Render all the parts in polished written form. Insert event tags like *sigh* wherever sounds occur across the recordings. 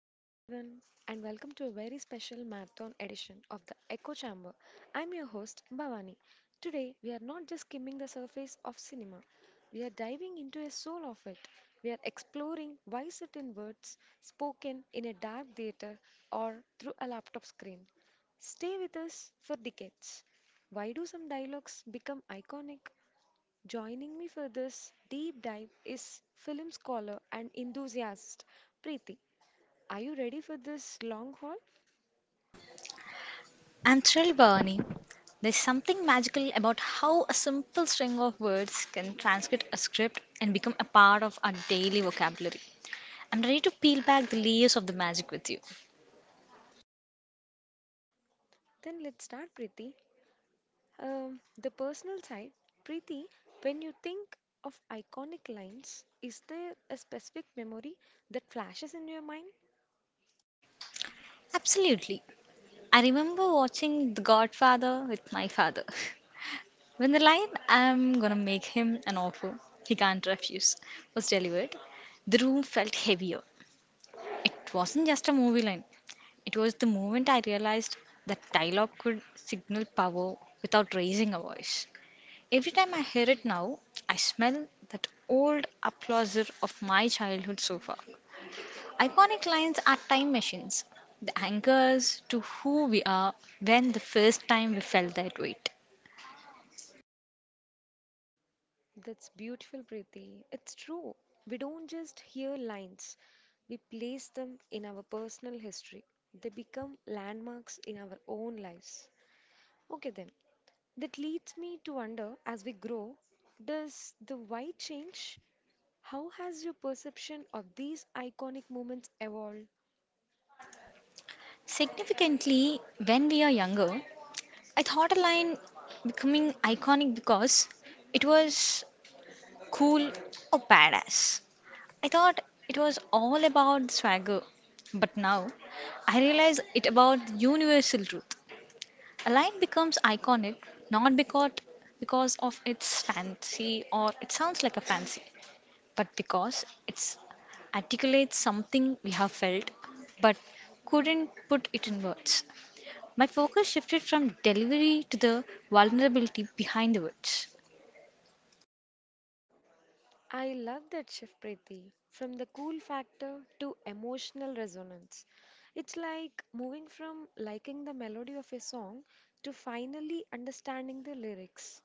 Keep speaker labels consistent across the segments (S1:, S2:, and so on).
S1: Hello, everyone, and welcome to a very special marathon edition of the Echo Chamber. I'm your host, Bhavani. Today, we are not just skimming the surface of cinema, we are diving into a soul of it. We are exploring why certain words spoken in a dark theater or through a laptop screen stay with us for decades. Why do some dialogues become iconic? Joining me for this deep dive is film scholar and enthusiast Preeti. Are you ready for this long haul?
S2: I'm thrilled, Bhavani. There's something magical about how a simple string of words can transcript a script and become a part of our daily vocabulary. I'm ready to peel back the layers of the magic with you.
S1: Then let's start, Preeti. The personal side, Preeti, when you think of iconic lines, is there a specific memory that flashes in your mind?
S2: Absolutely. I remember watching The Godfather with my father. *laughs* When the line, I'm gonna make him an offer he can't refuse, was delivered, the room felt heavier. It wasn't just a movie line, it was the moment I realized that dialogue could signal power without raising a voice. Every time I hear it now, I smell that old applauser of my childhood sofa. Iconic lines are time machines. They anchor us to who we are when the first time we felt that weight.
S1: That's beautiful, Preeti. It's true. We don't just hear lines, we place them in our personal history. They become landmarks in our own lives. Okay, then. That leads me to wonder, as we grow, does the why change? How has your perception of these iconic moments evolved?
S2: Significantly, when we are younger, I thought a line becoming iconic because it was cool or badass. I thought it was all about swagger, but now I realize it about the universal truth. A line becomes iconic not because of its fancy or it sounds like a fancy, but because it articulates something we have felt but couldn't put it in words. My focus shifted from delivery to the vulnerability behind the words.
S1: I love that shift, Preeti. From the cool factor to emotional resonance. It's like moving from liking the melody of a song to finally understanding the lyrics.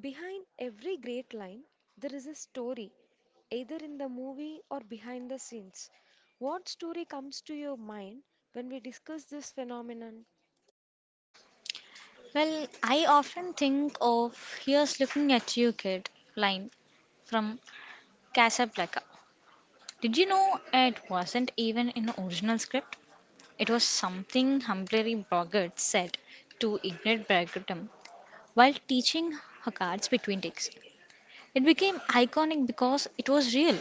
S1: Behind every great line, there is a story, either in the movie or behind the scenes. What story comes to your mind when we discuss this phenomenon?
S2: Well, I often think of here's looking at you, kid line from Casablanca. Did you know it wasn't even in the original script? It was something Humphrey Bogart said to Ignat Bergman while teaching her cards between takes. It became iconic because it was real.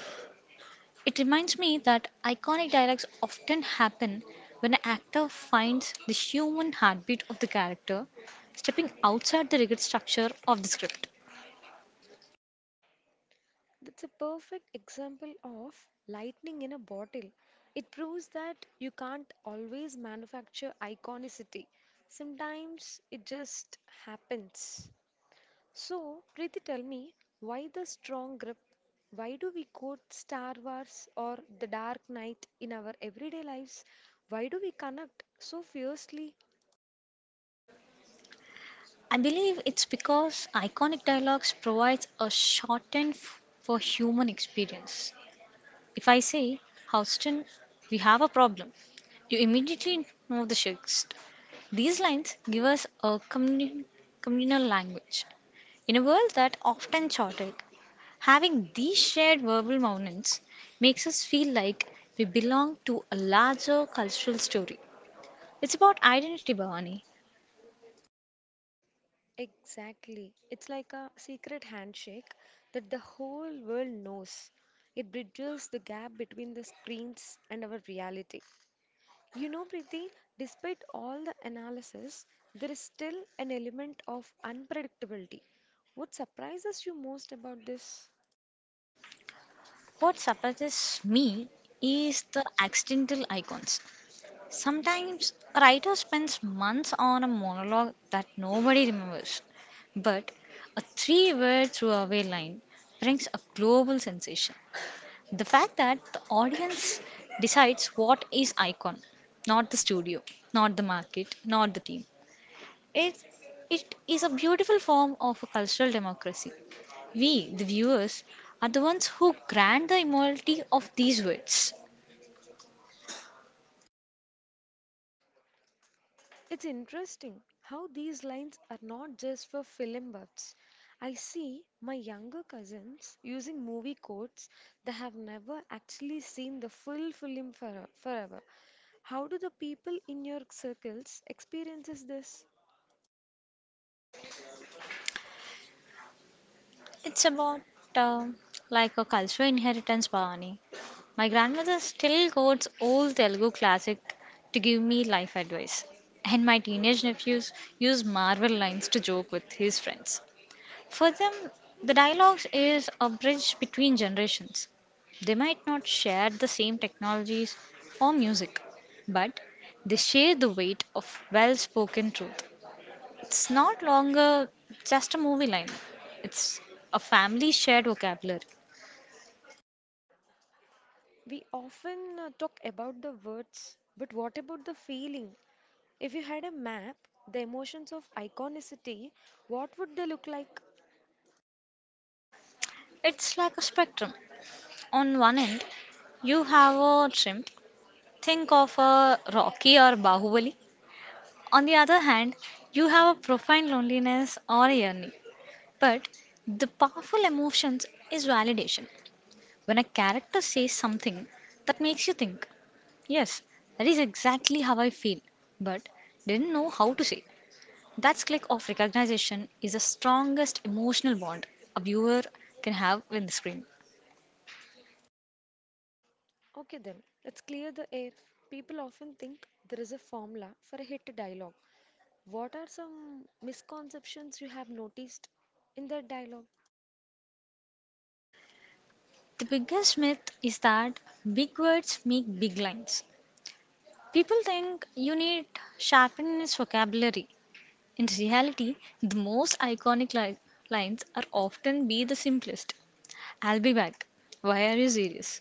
S2: It reminds me that iconic dialogues often happen when an actor finds the human heartbeat of the character, stepping outside the rigid structure of the script.
S1: That's a perfect example of lightning in a bottle. It proves that you can't always manufacture iconicity. Sometimes it just happens. So, Preeti, tell me, why the strong grip? Why do we quote Star Wars or The Dark Knight in our everyday lives? Why do we connect so fiercely?
S2: I believe it's because iconic dialogues provides a shorthand for human experience. If I say, Houston, we have a problem, you immediately know the gist. These lines give us a communal language. In a world that often chaotic, having these shared verbal moments makes us feel like we belong to a larger cultural story. It's about identity, Bhavani.
S1: Exactly. It's like a secret handshake that the whole world knows. It bridges the gap between the screens and our reality. You know, Preeti, despite all the analysis, there is still an element of unpredictability. What surprises you most about this?
S2: What surprises me is the accidental icons. Sometimes a writer spends months on a monologue that nobody remembers, but a three word throwaway line brings a global sensation. The fact that the audience decides what is icon, not the studio, not the market, not the team, it, it is a beautiful form of a cultural democracy. We, the viewers, are the ones who grant the immortality of these words.
S1: It's interesting how these lines are not just for film buffs. I see my younger cousins using movie quotes that have never actually seen the full film for, forever. How do the people in your circles experiences this?
S2: It's about uh, like a cultural inheritance, Bhavani. My grandmother still quotes old Telugu classic to give me life advice, and my teenage nephews use Marvel lines to joke with his friends. For them, the dialogues is a bridge between generations. They might not share the same technologies or music, but they share the weight of well spoken truth. It's not longer just a movie line, it's a family shared vocabulary.
S1: We often talk about the words, but what about the feeling? If you had a map, the emotions of iconicity, what would they look like?
S2: It's like a spectrum. On one end, you have a trim, think of a Rocky or Bahubali. On the other hand, you have a profound loneliness or a yearning. But the powerful emotions is validation. When a character says something that makes you think, yes, that is exactly how I feel, but didn't know how to say. That click of recognition is the strongest emotional bond a viewer can have with the screen.
S1: Okay, then, let's clear the air. People often think there is a formula for a hit dialogue. What are some misconceptions you have noticed in that dialogue?
S2: The biggest myth is that big words make big lines. People think you need sharpen his vocabulary. In reality, the most lines are often be the simplest. I'll be back. Why are you serious?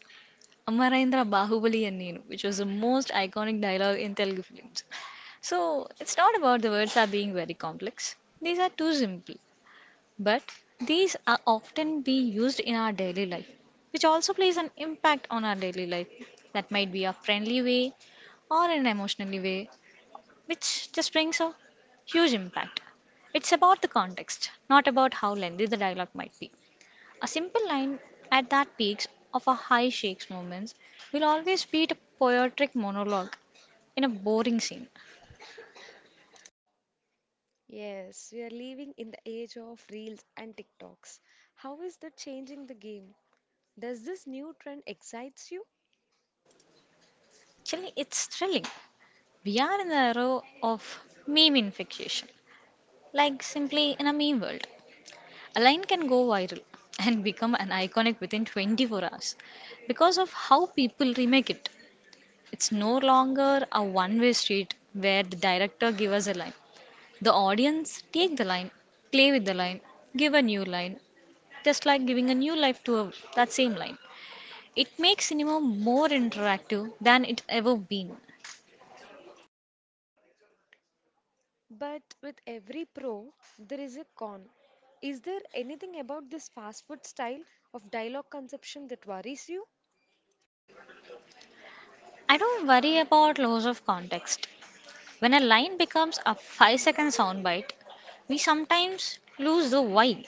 S2: Amarendra Bahubali and Nenu, which was the most iconic dialogue in Telugu films. So, it's not about the words are being very complex. These are too simple. But these are often be used in our daily life, which also plays an impact on our daily life. That might be a friendly way or an emotionally way, which just brings a huge impact. It's about the context, not about how lengthy the dialogue might be. A simple line at that peaks of a high shakes moments will always beat a poetic monologue in a boring scene.
S1: Yes, we are living in the age of reels and TikToks. How is that changing the game? Does this new trend excites you?
S2: Actually, it's thrilling. We are in the era of meme infection, like simply in a meme world. A line can go viral *laughs* and become an iconic within 24 hours because of how people remake it. It's no longer a one way street where the director gives us a line. The audience take the line, play with the line, give a new line, just like giving a new life to a, that same line. It makes cinema more interactive than it's ever been.
S1: But with every pro, there is a con. Is there anything about this fast food style of dialogue conception that worries you?
S2: I don't worry about loss of context. When a line becomes a 5-second soundbite, we sometimes lose the why.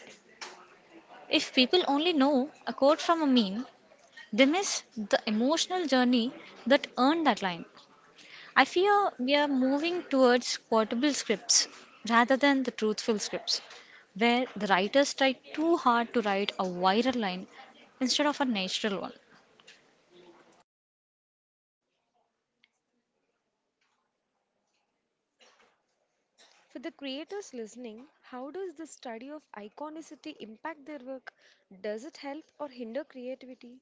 S2: If people only know a quote from a meme, they miss the emotional journey that earned that line. I feel we are moving towards quotable scripts rather than the truthful scripts, where the writers try too hard to write a viral line instead of a natural one.
S1: For the creators listening, how does the study of iconicity impact their work? Does it help or hinder creativity?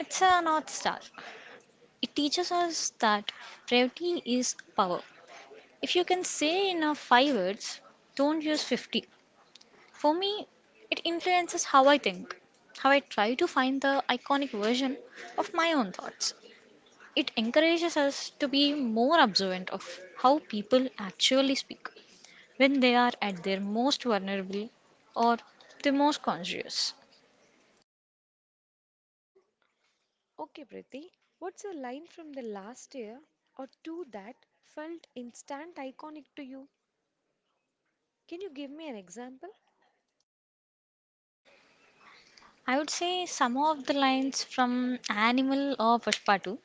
S2: It's a North Star. It teaches us that brevity is power. If you can say in five words, don't use 50. For me, it influences how I think, how I try to find the iconic version of my own thoughts. It encourages us to be more observant of how people actually speak when they are at their most vulnerable or the most conscious.
S1: Okay, Priti, what's a line from the last year or two that felt instant iconic to you? Can you give me an example?
S2: I would say some of the lines from Animal or Pushpa 2.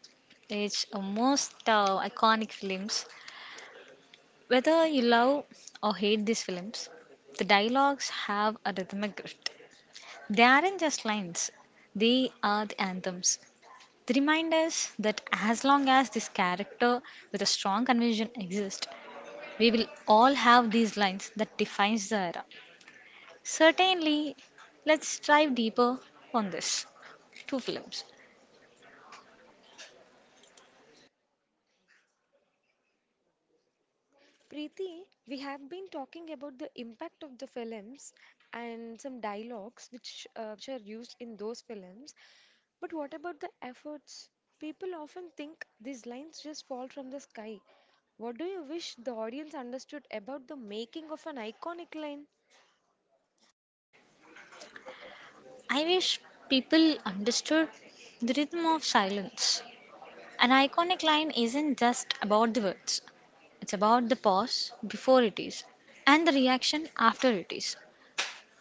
S2: It's a most iconic films. Whether you love or hate these films, the dialogues have a rhythmic grit. They aren't just lines, they are the anthems. They remind us that as long as this character with a strong conviction exists, we will all have these lines that defines the era. Certainly, let's dive deeper on this. Two films.
S1: Preeti, we have been talking about the impact of the films and some dialogues which are used in those films. But what about the efforts? People often think these lines just fall from the sky. What do you wish the audience understood about the making of an iconic line?
S2: I wish people understood the rhythm of silence. An iconic line isn't just about the words. It's about the pause before it is and the reaction after it is.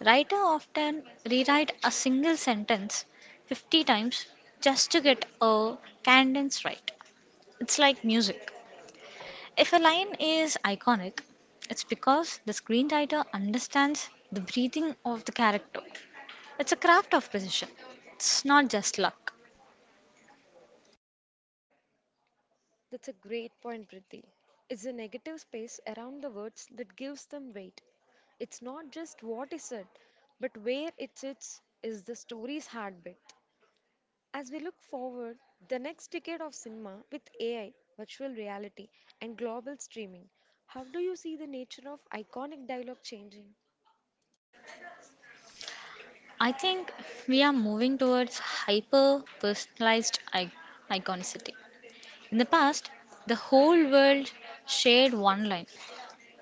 S2: Writers often rewrite a single sentence 50 times just to get a cadence right. It's like music. If a line is iconic, it's because the screenwriter understands the breathing of the character. It's a craft of precision. It's not just luck.
S1: That's a great point, Preeti. It's the negative space around the words that gives them weight. It's not just what is said, but where it sits is the story's heartbeat. As we look forward, the next decade of cinema with AI, virtual reality, and global streaming, how do you see the nature of iconic dialogue changing?
S2: I think we are moving towards hyper personalized iconicity. In the past, the whole world shared one line.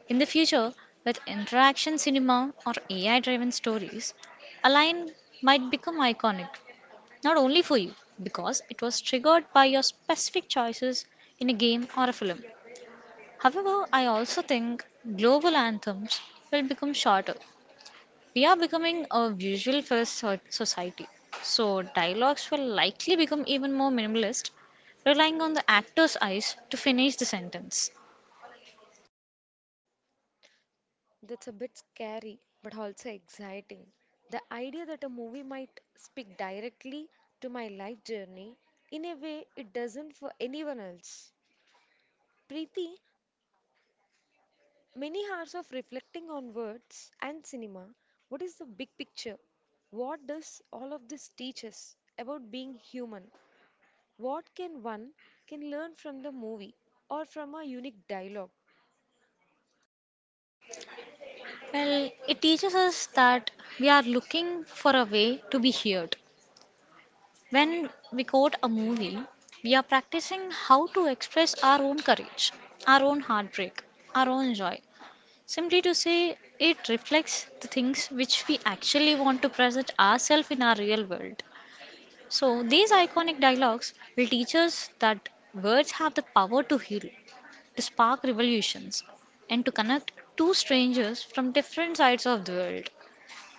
S2: In the future, with interaction cinema or AI driven stories, a line might become iconic, not only for you, because it was triggered by your specific choices in a game or a film. However, I also think global anthems will become shorter. We are becoming a visual first society, so dialogues will likely become even more minimalist, relying on the actor's eyes to finish the sentence.
S1: That's a bit scary, but also exciting. The idea that a movie might speak directly to my life journey in a way it doesn't for anyone else. Preeti, many hours of reflecting on words and cinema, what is the big picture? What does all of this teach us about being human? What can one can learn from the movie or from a unique dialogue?
S2: Well, it teaches us that we are looking for a way to be heard. When we quote a movie, we are practicing how to express our own courage, our own heartbreak, our own joy. Simply to say, it reflects the things which we actually want to present ourselves in our real world. So, these iconic dialogues will teach us that words have the power to heal, to spark revolutions, and to connect two strangers from different sides of the world.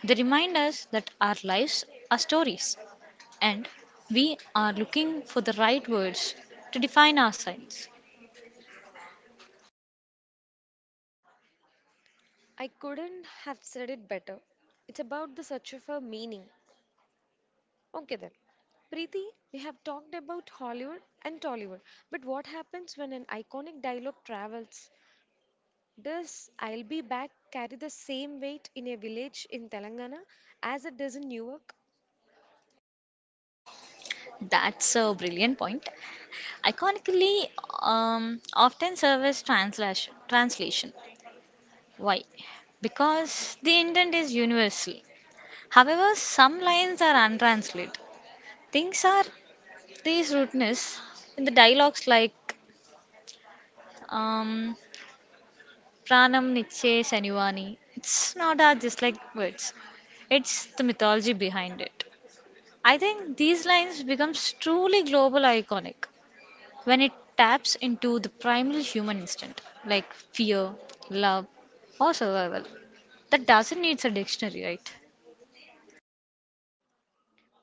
S2: They remind us that our lives are stories and we are looking for the right words to define ourselves.
S1: I couldn't have said it better. It's about the search for meaning. Okay then. Preeti, we have talked about Hollywood and Tollywood, but what happens when an iconic dialogue travels? Does I'll be back carry the same weight in a village in Telangana as it does in Newark?
S2: That's a brilliant point. Iconically, often serve as translation. Why? Because the intent is universal. However, some lines are untranslated. Things are these rudeness in the dialogues like, um, Pranam Niche Sanivani. It's not our just like words. It's the mythology behind it. I think these lines becomes truly global iconic when it taps into the primal human instinct like fear, love, or survival. That doesn't need a dictionary, right?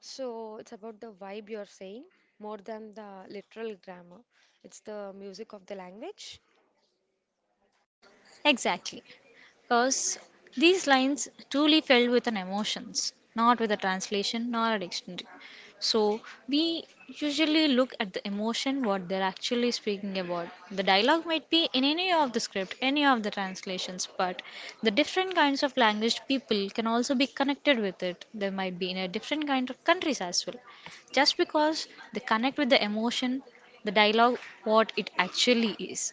S1: So it's about the vibe you're saying, more than the literal grammar. It's the music of the language.
S2: Exactly. Because these lines truly filled with an emotions, not with a translation nor a dictionary. So we usually look at the emotion what they're actually speaking about. The dialogue might be in any of the script, any of the translations, but the different kinds of language people can also be connected with it. They might be in a different kind of countries as well. Just because they connect with the emotion, the dialogue what it actually is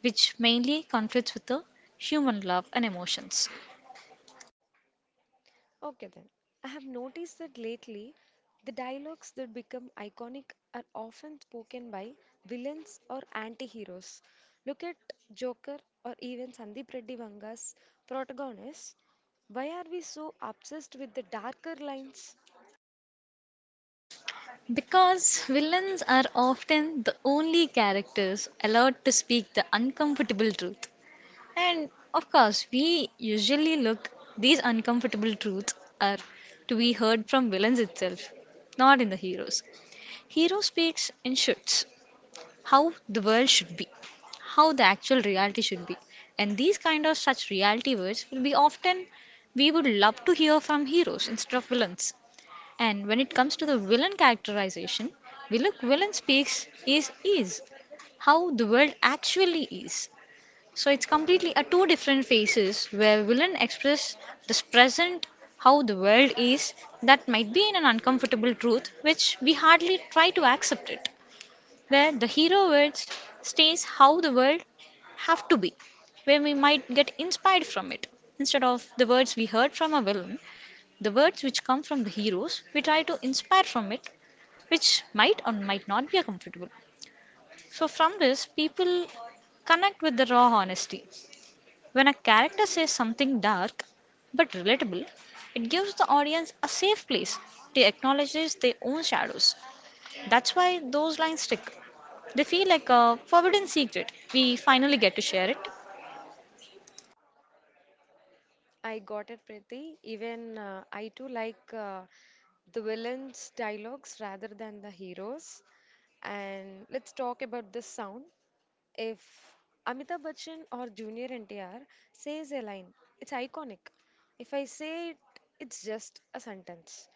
S2: which mainly conflicts with the human love and emotions.
S1: Okay then. I have noticed that lately, the dialogues that become iconic are often spoken by villains or anti-heroes. Look at Joker or even Sandeep Reddy Vanga's protagonist. Why are we so obsessed with the darker lines?
S2: Because villains are often the only characters allowed to speak the uncomfortable truth. And of course, we usually look these uncomfortable truths are to be heard from villains itself, not in the heroes. Hero speaks in shoots, how the world should be, how the actual reality should be. And these kind of such reality words will be often we would love to hear from heroes instead of villains. And when it comes to the villain characterization, we look villain speaks is how the world actually is. So it's completely a two different phases where villain express this present how the world is that might be in an uncomfortable truth which we hardly try to accept it where the hero words stays how the world have to be, where we might get inspired from it. Instead of the words we heard from a villain, the words which come from the heroes, we try to inspire from it, which might or might not be comfortable. So from this, people connect with the raw honesty. When a character says something dark but relatable, it gives the audience a safe place to acknowledge their own shadows. That's why those lines stick. They feel like a forbidden secret. We finally get to share it.
S1: I got it, Preeti. Even I too like the villains' dialogues rather than the heroes. And let's talk about the sound. If Amitabh Bachchan or Junior NTR says a line, it's iconic. If I say it, it's just a sentence.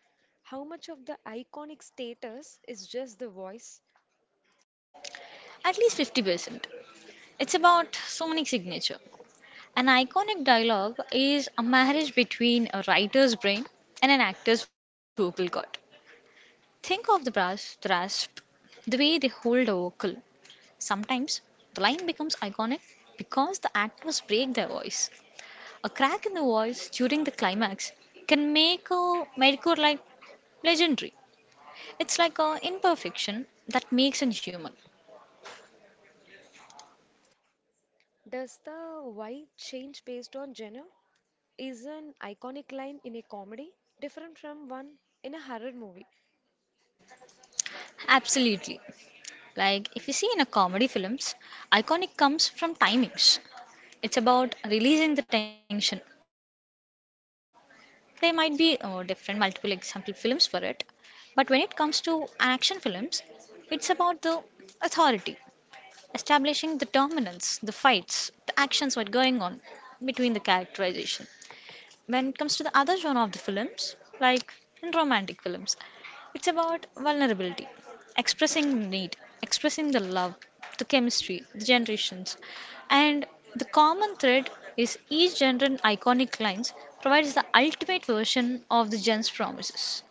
S1: How much of the iconic status is just the voice?
S2: At least 50%. It's about sonic signature. An iconic dialogue is a marriage between a writer's brain and an actor's vocal cord. Think of the brass, the rasp, the way they hold a vocal. Sometimes the line becomes iconic because the actors break their voice. A crack in the voice during the climax can make a medicore like legendary. It's like a imperfection that makes it human.
S1: Does the why change based on genre? Is an iconic line in a comedy different from one in a horror movie?
S2: Absolutely. Like if you see in a comedy films, iconic comes from timings. It's about releasing the tension. There might be different multiple example films for it, but when it comes to action films, it's about the authority, establishing the dominance, the fights, the actions what going on between the characterization. When it comes to the other genre of the films, like in romantic films, it's about vulnerability, expressing need, expressing the love, the chemistry, the generations. And the common thread is each genre's iconic lines provides the ultimate version of the gen's promises.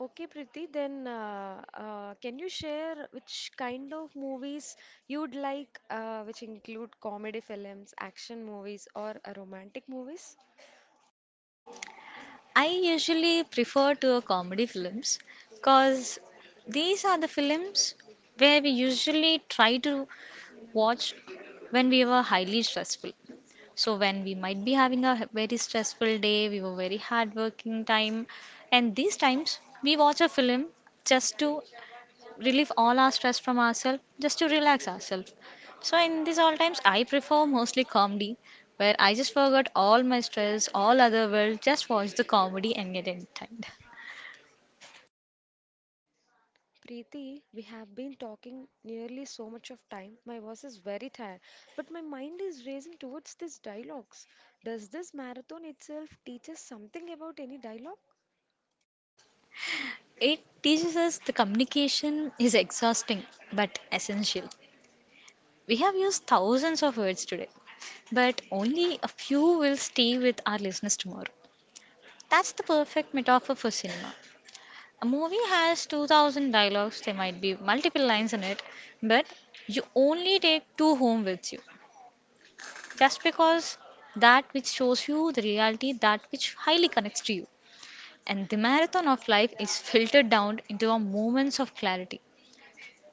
S1: Okay, Preeti, then can you share which kind of movies you'd like, which include comedy films, action movies, or romantic movies?
S2: I usually prefer to a comedy films because these are the films where we usually try to watch when we were highly stressful. So when we might be having very stressful day, we were very hardworking time, and these times we watch a film just to relieve all our stress from ourselves, just to relax ourselves. So in these all times, I prefer mostly comedy, where I just forgot all my stress, all other world, just watch the comedy and get entertained.
S1: Preeti, we have been talking nearly so much of time. My voice is very tired, but my mind is racing towards these dialogues. Does this marathon itself teach us something about any dialogue?
S2: It teaches us the communication is exhausting but essential. We have used thousands of words today, but only a few will stay with our listeners tomorrow. That's the perfect metaphor for cinema. A movie has 2000 dialogues, there might be multiple lines in it, but you only take two home with you. Just because that which shows you the reality, that which highly connects to you. And the marathon of life is filtered down into our moments of clarity.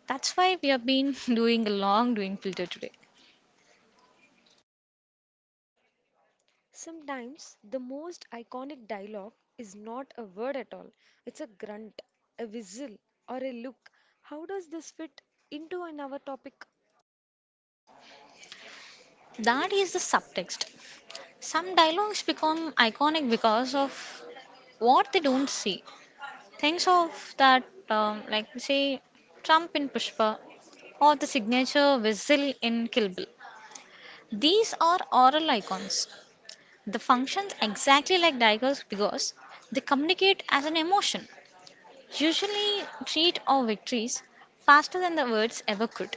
S2: That's why we have been *laughs* doing a long doing filter today.
S1: Sometimes the most iconic dialogue is not a word at all, it's a grunt, a whistle, or a look. How does this fit into an our topic?
S2: That is the subtext. Some dialogues become iconic because of what they don't see. Things of that, like say, Trump in Pushpa or the signature whistle in Kill Bill. These are oral icons. The functions exactly like daggers because they communicate as an emotion, usually treat or victories faster than the words ever could.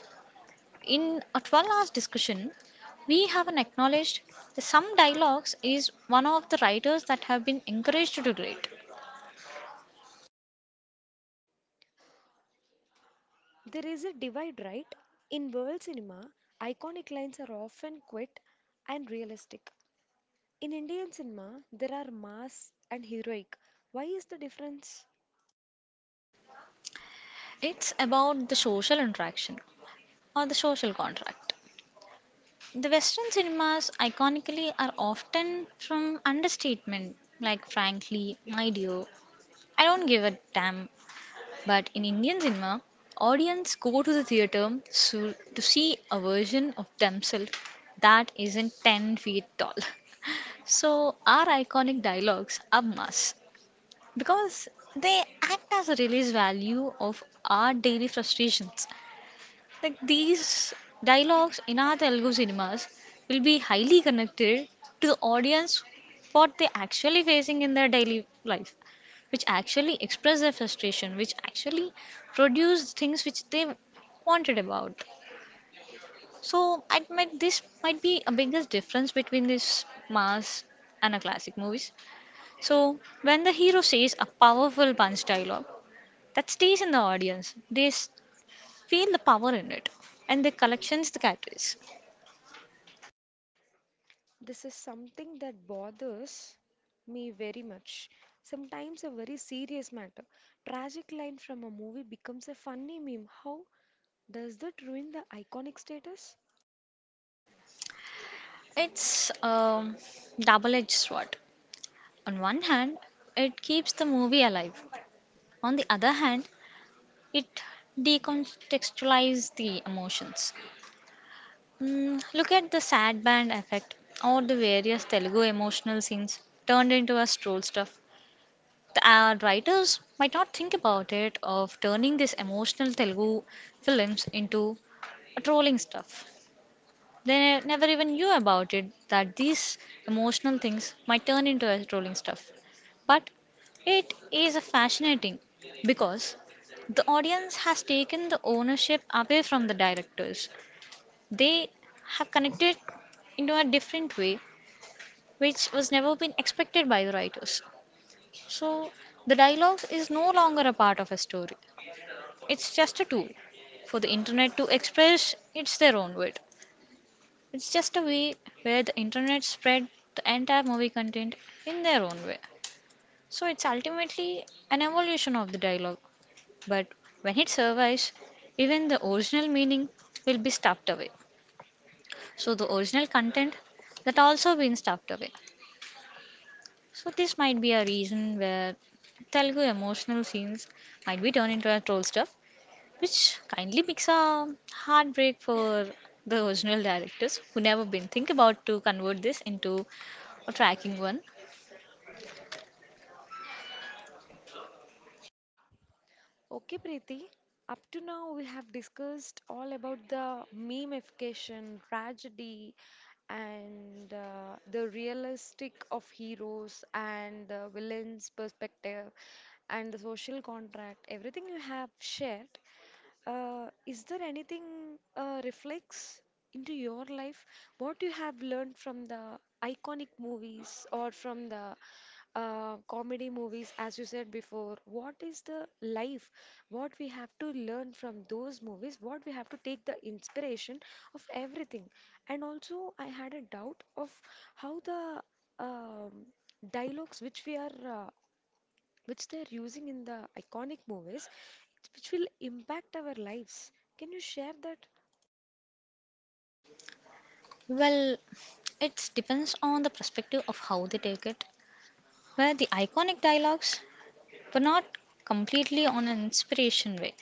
S2: In at one last discussion, we haven't acknowledged that some dialogues is one of the writers that have been encouraged to write.
S1: There is a divide, right? In world cinema, iconic lines are often quite and realistic. In Indian cinema, there are mass and heroic. Why is the difference?
S2: It's about the social interaction or the social contract. The Western cinemas iconically are often from understatement like frankly, my dear, I don't give a damn. But in Indian cinema, audience go to the theater so, to see a version of themselves that isn't 10 feet tall. *laughs* So, our iconic dialogues are must because they act as a release value of our daily frustrations. Like these dialogues in our Telugu cinemas will be highly connected to the audience what they're actually facing in their daily life, which actually express their frustration, which actually produce things which they wanted about. So I might this might be a biggest difference between this mass and a classic movies. So, when the hero says a powerful punch dialogue that stays in the audience, feel the power in it and they collections the catchphrase.
S1: This is something that bothers me very much. Sometimes a very serious matter. Tragic line from a movie becomes a funny meme. How does that ruin the iconic status?
S2: It's a double-edged sword. On one hand, it keeps the movie alive. On the other hand, it decontextualizes the emotions. Mm, look at the sad band effect or the various Telugu emotional scenes turned into a troll stuff. The writers might not think about it of turning these emotional Telugu films into a trolling stuff. They never even knew about it that these emotional things might turn into a trolling stuff. But it is fascinating because the audience has taken the ownership away from the directors. They have connected into a different way which was never been expected by the writers. So the dialogue is no longer a part of a story. It's just a tool for the internet to express its their own word. It's just a way where the internet spread the entire movie content in their own way. So it's ultimately an evolution of the dialogue. But when it survives, even the original meaning will be stuffed away. So the original content that also been stuffed away. So this might be a reason where Telugu emotional scenes might be turned into a troll stuff which kindly makes a heartbreak for the original directors who never been think about to convert this into a tracking one.
S1: Okay, Preeti. Up to now, we have discussed all about the memification, tragedy, and the realistic of heroes and the villain's perspective and the social contract. Everything you have shared. Is there anything reflects into your life? What you have learned from the iconic movies or from the comedy movies, as you said before? What is the life? What we have to learn from those movies? What we have to take the inspiration of everything? And also, I had a doubt of how the um, dialogues which we are uh, which they're using in the iconic movies, which will impact our lives. Can you share that?
S2: Well, it depends on the perspective of how they take it. Where the iconic dialogues but not completely on an inspiration way.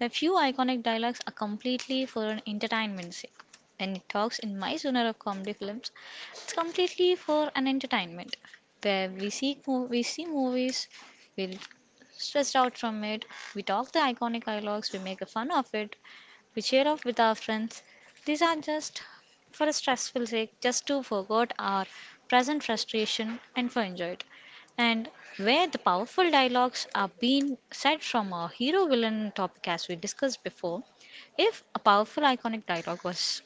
S2: A few iconic dialogues are completely for an entertainment sake. And it talks in my genre of comedy films, it's completely for an entertainment where we see movies, we're stressed out from it, we talk the iconic dialogues, we make a fun of it, we cheer off with our friends. These are just for a stressful sake, just to forget our present frustration and for enjoy it and where the powerful dialogues are being said from a hero villain topic as we discussed before. If a powerful iconic dialogue was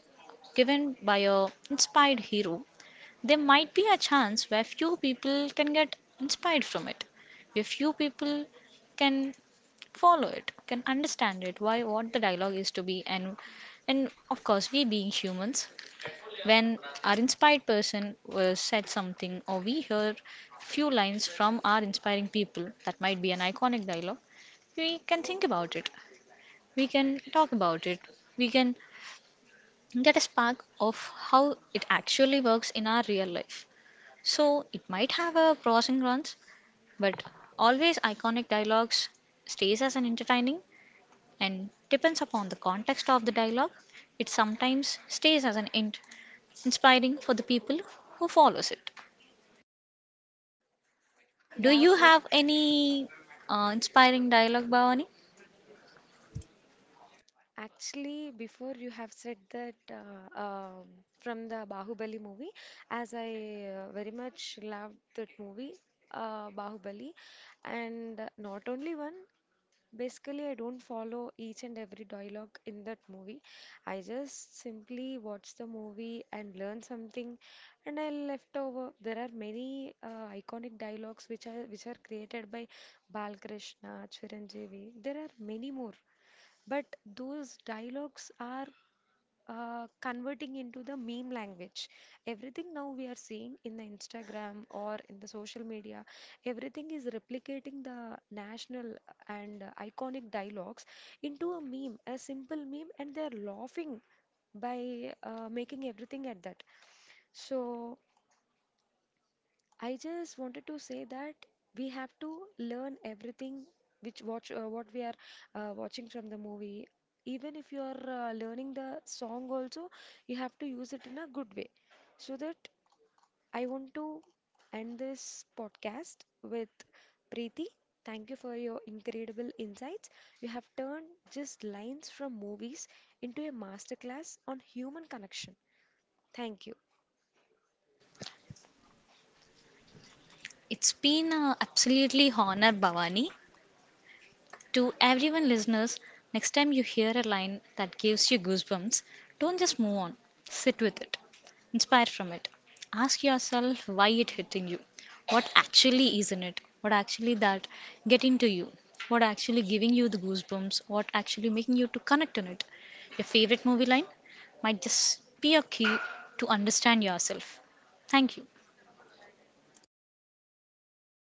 S2: given by a inspired hero, there might be a chance where few people can get inspired from it. Where few people can follow it, can understand it, why what the dialogue is to be and of course we being humans, when our inspired person said something, or we hear few lines from our inspiring people, that might be an iconic dialogue, we can think about it, we can talk about it, we can get a spark of how it actually works in our real life. So it might have a pros and cons, but always iconic dialogues stays as an entertaining and depends upon the context of the dialogue, it sometimes stays as inspiring for the people who follows it. Do
S1: Yeah,
S2: you
S1: Preet.
S2: have any inspiring dialogue, Bhavani?
S1: Actually, before you have said that from the Bahubali movie, as I very much loved that movie, Bahubali, and not only one, basically, I don't follow each and every dialogue in that movie. I just simply watch the movie and learn something, and I left over. There are many iconic dialogues which are created by Balkrishna, Chiranjeevi. There are many more, but those dialogues are converting into the meme language. Everything now we are seeing in the Instagram or in the social media, everything is replicating the national and iconic dialogues into a meme, a simple meme, and they're laughing by making everything at that. So I just wanted to say that we have to learn everything which watch what we are watching from the movie. Even if you are learning the song also, you have to use it in a good way. So that I want to end this podcast with Preeti. Thank you for your incredible insights. You have turned just lines from movies into a masterclass on human connection. Thank you.
S2: It's been absolutely honor, Bhavani. To everyone listeners, next time you hear a line that gives you goosebumps, don't just move on. Sit with it. Inspire from it. Ask yourself why it hitting you. What actually is in it? What actually that getting to you? What actually giving you the goosebumps? What actually making you to connect on it? Your favorite movie line might just be a key to understand yourself. Thank you.